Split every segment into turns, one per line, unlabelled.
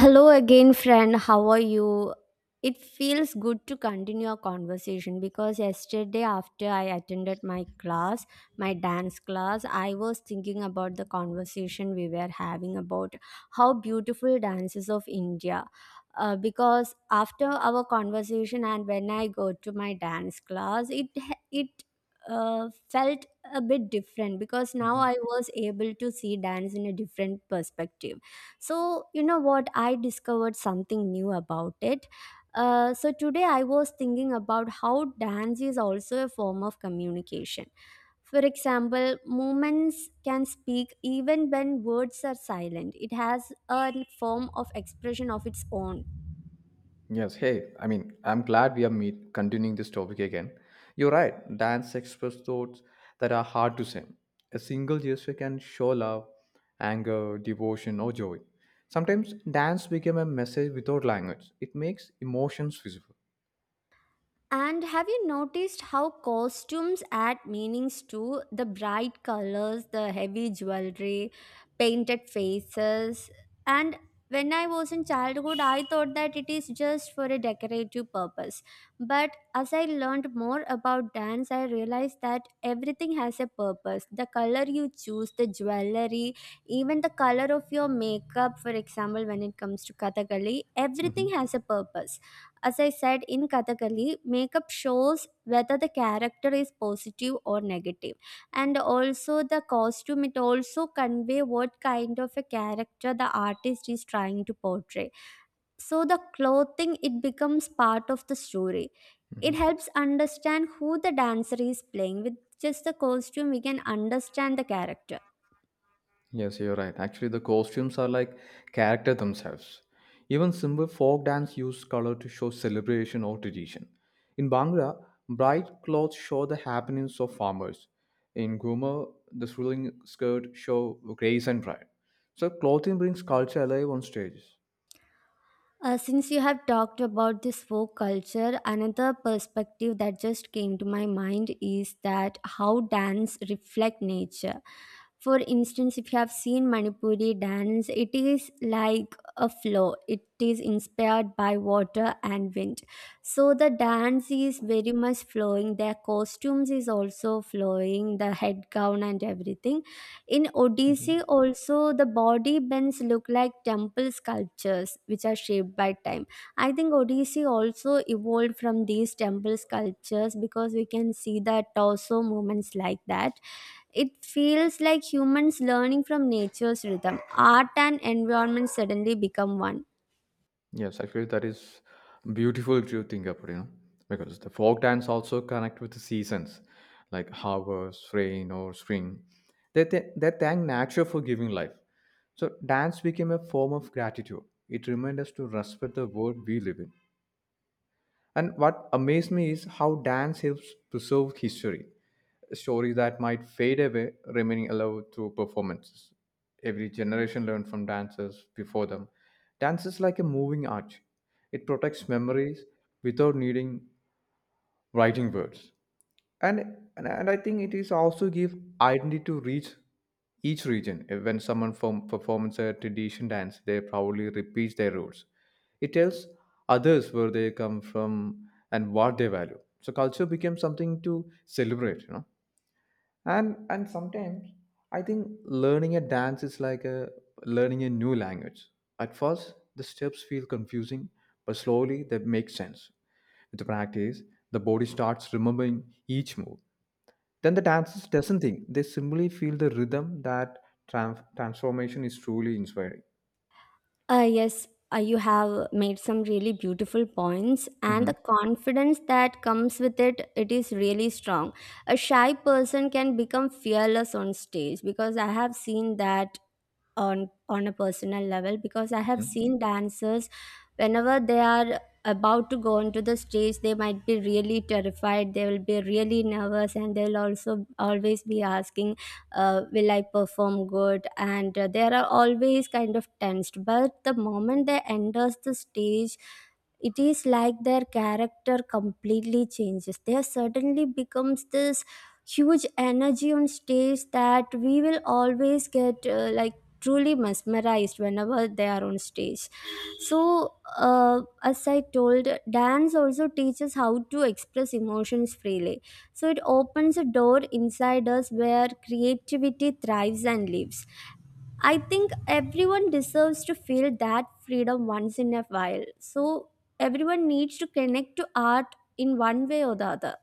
Hello again, friend. How are you? It feels good to continue our conversation because yesterday, after I attended my class, my dance class, I was thinking about the conversation we were having about how beautiful dances of India. Because after our conversation and when I go to my dance class, it felt a bit different because now
Mhm.
I was able to see dance in a different perspective so, you know what? I discovered something new about it. So today I was thinking about how dance is also a form of communication. For example, movements can speak even when words are silent. It has a form of expression of its own.
Yes. Hey, I mean, I'm glad we are meet continuing this topic again. You're right. Dance express thoughts that are hard to say. A single gesture can show love, anger, devotion, or joy. Sometimes dance became a message without language. It makes emotions visible.
And have you noticed how costumes add meanings too? The bright colors, the heavy jewelry, painted faces. And when I was in childhood, I thought that it is just for a decorative purpose. But as I learned more about dance, I realized that everything has a purpose. The color you choose, the jewelry, even the color of your makeup, for example, when it comes to Kathakali, everything has a purpose. As I said, in Kathakali, makeup shows whether the character is positive or negative, and also the costume, it also convey what kind of a character the artist is trying to portray. So the clothing, it becomes part of the story. It helps understand who the dancer is playing. With just the costume, we can understand the character.
Yes, you're right. Actually, the costumes are like character themselves. Even simple folk dance use color to show celebration or tradition. In Bhangra, bright clothes show the happenings of farmers. In Guma, the swirling skirt show grace and pride. So clothing brings culture alive on stages.
Since you have talked about this folk culture, another perspective that just came to my mind is that how dance reflect nature. For instance, if you have seen Manipuri dance, it is like a flow. It is inspired by water and wind. So the dance is very much flowing. Their costumes is also flowing, the head gown and everything. In Odissi, also, the body bends look like temple sculptures which are shaped by time. I think Odissi also evolved from these temple sculptures because we can see the torso movements like that. It feels like humans learning from nature's rhythm. Art and environment suddenly become one.
Yes, actually, that is beautiful to think about, you know, because the folk dance also connect with the seasons, like harvest, rain, or spring. They thank nature for giving life. So dance became a form of gratitude. It reminds us to respect the world we live in. And what amazed me is how dance helps preserve history stories that might fade away, remaining alive through performances. Every generation learned from dancers before them. Dance is like a moving arch. It protects memories without needing writing words. And, and I think it is also give identity to reach each region. Eh, when performs a tradition dance, they proudly repeat their roots. It tells others where they come from and what they value. So culture becomes something to celebrate, you know, and sometimes I think learning a dance is like a learning a new language. At first the steps feel confusing, but slowly they make sense. With practice, the body starts remembering each move. Then the dancers doesn't think, they simply feel the rhythm. That transformation is truly inspiring.
Yes, you have made some really beautiful points, and
Mhm.
the confidence that comes with it, it is really strong. A shy person can become fearless on stage because I have seen that on a personal level because I have
Mhm.
seen dancers whenever they are about to go onto the stage. They might be really terrified, they will be really nervous, and they'll also always be asking, will I perform good? And they are always kind of tensed, but the moment they enters the stage, it is like their character completely changes. They suddenly becomes this huge energy on stage that we will always get like truly mesmerized whenever they are on stage. So uh, as I told, dance also teaches how to express emotions freely, so it opens a door inside us where creativity thrives and lives. I think everyone deserves to feel that freedom once in a while. So everyone needs to connect to art in one way or the other.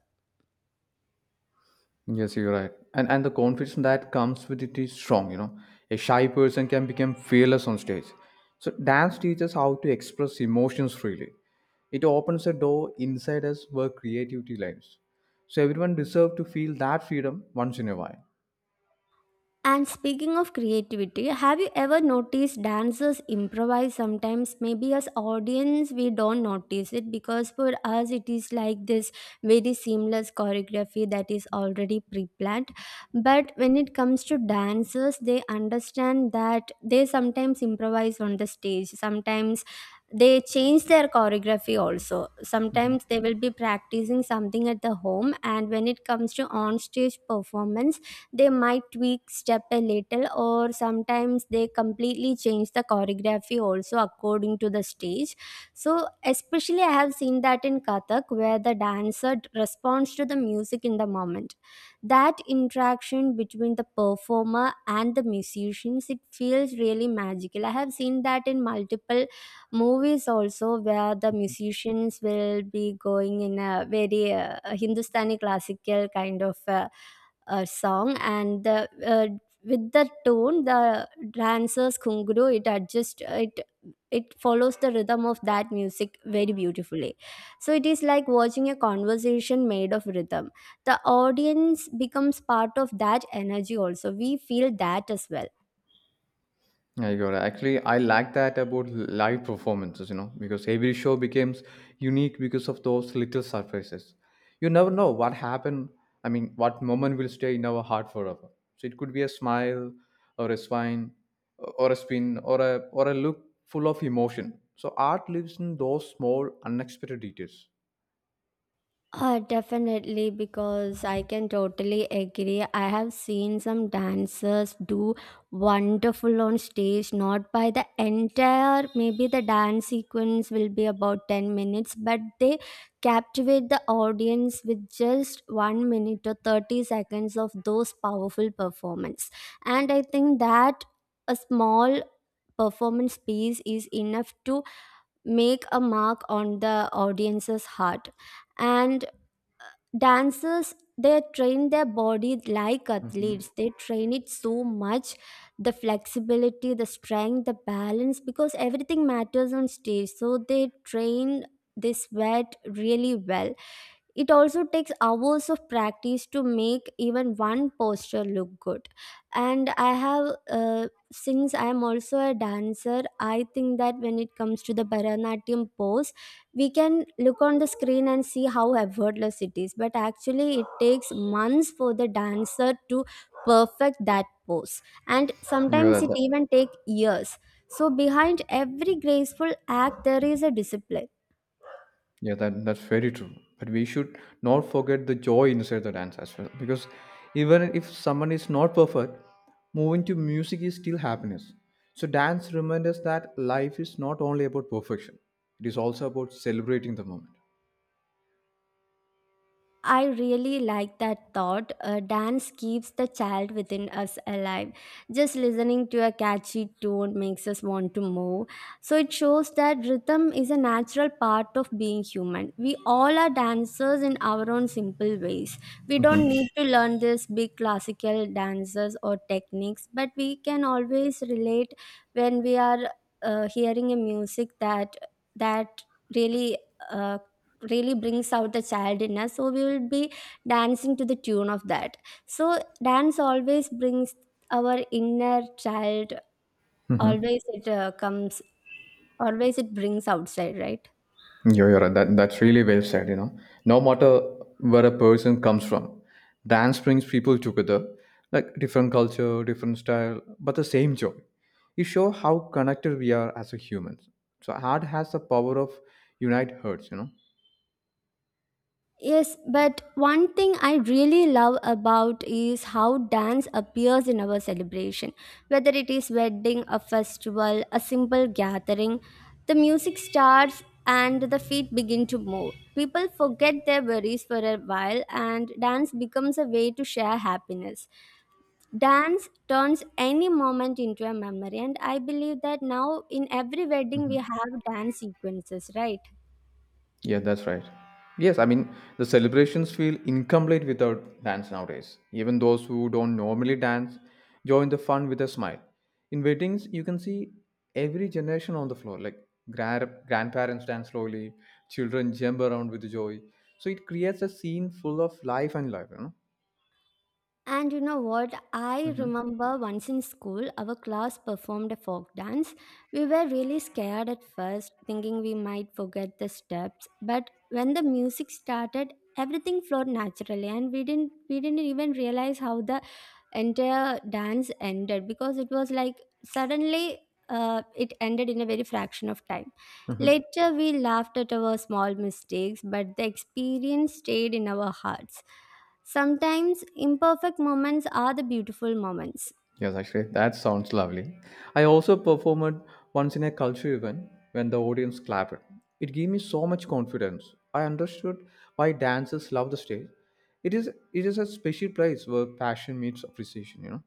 Yes, you're right. And the confidence that comes with it is strong, you know. A shy person can become fearless on stage. So dance teaches how to express emotions freely. It opens a door inside us where creativity lives. So everyone deserves to feel that freedom once in a while.
And speaking of creativity, have you ever noticed dancers improvise sometimes? Maybe as audience we don't notice it because for us it is like this very seamless choreography that is already pre-planned. But when it comes to dancers, they understand that they sometimes improvise on the stage. Sometimes they change their choreography. Also sometimes they will be practicing something at the home, and when it comes to on stage performance, they might tweak step a little, or sometimes they completely change the choreography also according to the stage. So especially I have seen that in kathak, where the responds to the music in the moment. That interaction between the performer and the musicians, it feels really magical. I have seen that in multiple movies also, where the musicians will be going in a very hindustani classical kind of song, and the with the tone, the dancer's kunguru, it adjusts it. It follows the rhythm of that music very beautifully. So it is like watching a conversation made of rhythm. The audience becomes part of that energy, also we feel that as well.
I got it. Actually, I like that about live performances, you know, because every show becomes unique because of those little surprises. You never know what happened. I mean, what moment will stay in our heart forever. So it could be a smile, or a swine, or a spin, or a look full of emotion. So art lives in those small, unexpected details.
Definitely, because I can totally agree. I have seen some dancers do wonderful on stage, not by the entire, maybe the dance sequence will be about 10 minutes, but they captivate the audience with just 1 minute or 30 seconds of those powerful performance. And I think that a small performance piece is enough to make a mark on the audience's heart. And dancers, they train their body like
Mhm.
athletes. They train it so much, the flexibility, the strength, the balance, because everything matters on stage. So they train, they sweat really well. It also takes hours of practice to make even one posture look good. And I have, since I am also a dancer, I think that when it comes to the Bharatanatyam pose, we can look on the screen and see how effortless it is. But actually, it takes months for the dancer to perfect that pose. And
You're
sometimes
right.
it even takes years. So, behind every graceful act, there is a discipline.
Yeah, that's very true. But we should not forget the joy inside the dance as well, because even if someone is not perfect, moving to music is still happiness. So dance reminds us that life is not only about perfection; it is also about celebrating the moment.
I really like that thought. Dance keeps the child within us alive. Just listening to a catchy tune makes us want to move. So it shows that rhythm is a natural part of being human. We all are dancers in our own simple ways. We don't need to learn these big classical dances or techniques, but we can always relate when we are hearing a music that really uh, really brings out the child in us. So we will be dancing to the tune of that. So dance always brings our inner child, always it comes, always it brings outside, right?
You're right. That's really well said, you know. No matter where a person comes from, dance brings people together, like different culture, different style, but the same joy. It shows how connected we are as a humans. So art has the power of unite hearts, you know.
Yes, but one thing I really love about is how dance appears in our celebration. Whether it is wedding, a festival, a simple gathering, the music starts and the feet begin to move. People forget their worries for a while, and dance becomes a way to share happiness. Dance turns any moment into a memory, and I believe that now in every wedding we have dance sequences, right?
Yeah, that's right. Yes, I mean, the celebrations feel incomplete without dance nowadays. Even those who don't normally dance join the fun with a smile. In weddings, you can see every generation on the floor, like grandparents dance slowly, children jump around with joy. So it creates a scene full of life and love, you know?
And you know what? I
Mm-hmm.
remember once in school, our class performed a folk dance. We were really scared at first, thinking we might forget the steps. But when the music started, everything flowed naturally, and we didn't even realize how the entire dance ended because it was like suddenly it ended in a very fraction of time.
Mm-hmm.
Later, we laughed at our small mistakes, but the experience stayed in our hearts. Sometimes imperfect moments are the beautiful moments.
Yes, actually, that sounds lovely. I also performed once in a culture event when the audience clapped. It gave me so much confidence. I understood why dancers love the stage. It is it is a special place where passion meets appreciation. You know.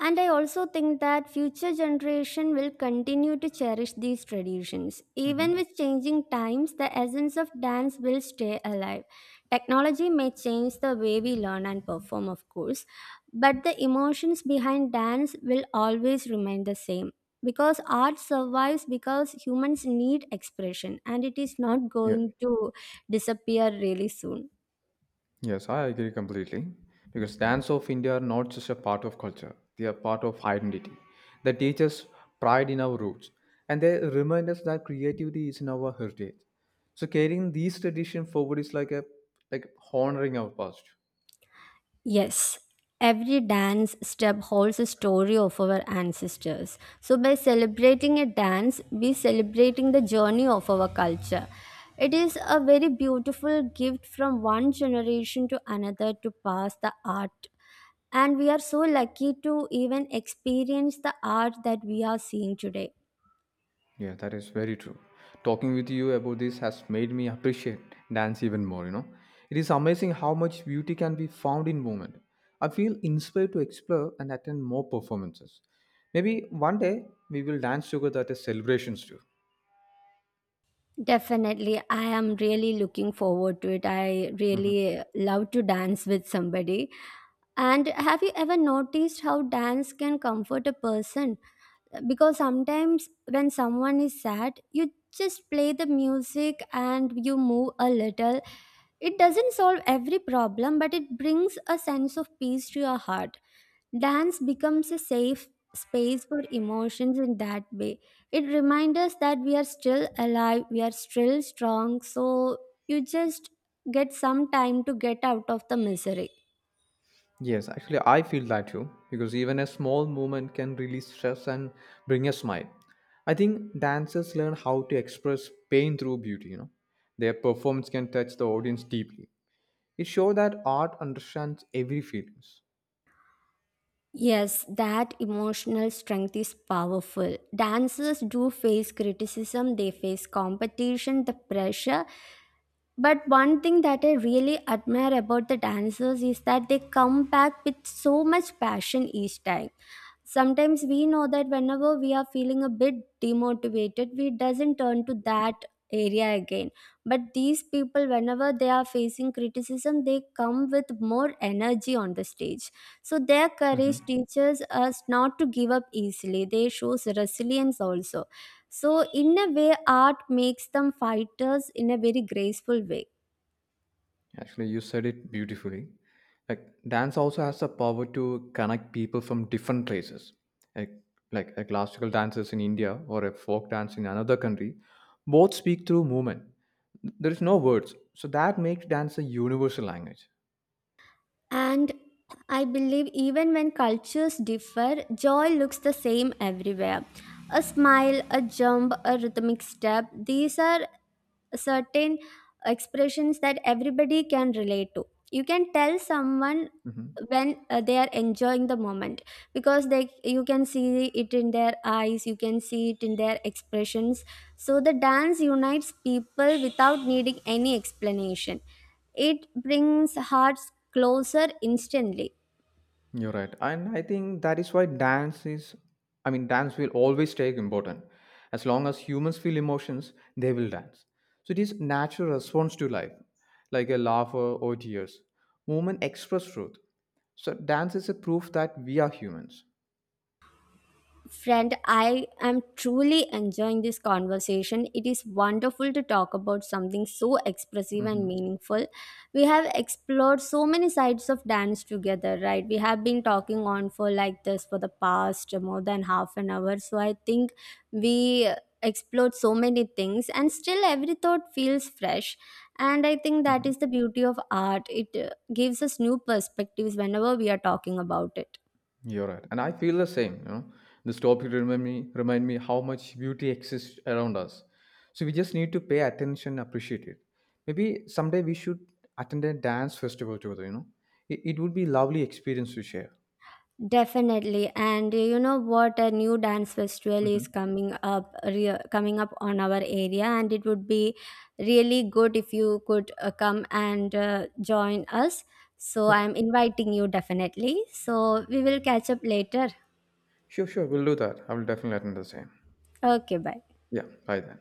And I also think that future generation will continue to cherish these traditions. Even
Hmm.
with changing times, the essence of dance will stay alive. Technology may change the way we learn and perform, of course, but the emotions behind dance will always remain the same. Because art survives because humans need expression, and it is not
Yeah.
going to disappear really soon.
Yes, I agree completely. Because dance of India are not just a part of culture, they are part of identity. They teach us pride in our roots and they remind us that creativity is in our heritage. So carrying these traditions forward is like a like honoring our past.
Yes, every dance step holds a story of our ancestors. So, by celebrating a dance, we celebrating the journey of our culture. It is a very beautiful gift from one generation to another to pass the art. And we are so lucky to even experience the art that we are seeing today.
Yeah, that is very true. Talking with you about this has made me appreciate dance even more, you know. It is amazing how much beauty can be found in movement. I feel inspired to explore and attend more performances. Maybe one day we will dance together at a celebrations too.
Definitely. I am really looking forward to it. I
Mhm.
really love to dance with somebody. And have you ever noticed how dance can comfort a person? Because sometimes when someone is sad, you just play the music and you move a little. It doesn't solve every problem, but it brings a sense of peace to your heart. Dance becomes a safe space for emotions in that way. It reminds us that we are still alive, we are still strong, so you just get some time to get out of the misery.
Yes, actually I feel that too because even a small movement can release stress and bring a smile. I think dancers learn how to express pain through beauty, you know. Their performance can touch the audience deeply. It shows that art understands every feelings.
Yes, that emotional strength is powerful. Dancers do face criticism, they face competition, the pressure. But one thing that I really admire about the dancers is that they come back with so much passion each time. Sometimes we know that whenever we are feeling a bit demotivated, we doesn't turn to that area again. But these people, whenever they are facing criticism, they come with more energy on the stage. So their
Mhm.
courage teaches us not to give up easily. They shows resilience also. So, in a way, art makes them fighters in a very graceful way.
Actually, you said it beautifully. Like dance also has the power to connect people from different places. Like, like a classical dances in India or a folk dance in another country, both speak through movement. There is no words, so that makes dance a universal language.
And I believe even when cultures differ, joy looks the same everywhere. A smile, a jump, a rhythmic step, these are certain expressions that everybody can relate to. You can tell someone
Mhm.
when they are enjoying the moment, because they, you can see it in their eyes, you can see it in their expressions. So the dance unites people without needing any explanation. It brings hearts closer instantly.
You're right. And I think that is why I mean, dance will always stay important. As long as humans feel emotions, they will dance. So it is natural response to life, like a laugh or tears. Movement express truth. So dance is a proof that we are humans.
Friend, I am truly enjoying this conversation. It is wonderful to talk about something so expressive
Hmm.
and meaningful. We have explored so many sides of dance together, right? We have been talking on for like this for the past more than half an hour. So I think we explored so many things, and still every thought feels fresh. And I think that is the beauty of art. It gives us new perspectives whenever we are talking about it.
You're right, and I feel the same. You know, this topic remind me how much beauty exists around us. So we just need to pay attention, appreciate it. Maybe someday we should attend a dance festival together. You know, it would be lovely experience to share.
Definitely, and you know what? A new dance festival is
Hmm.
coming up, coming up on our area, and it would be really good if you could come and join us. So
Yep.
I'm inviting you definitely. So we will catch up later.
Sure, sure, we'll do that. I will definitely attend the same.
Okay, bye.
Yeah, bye then.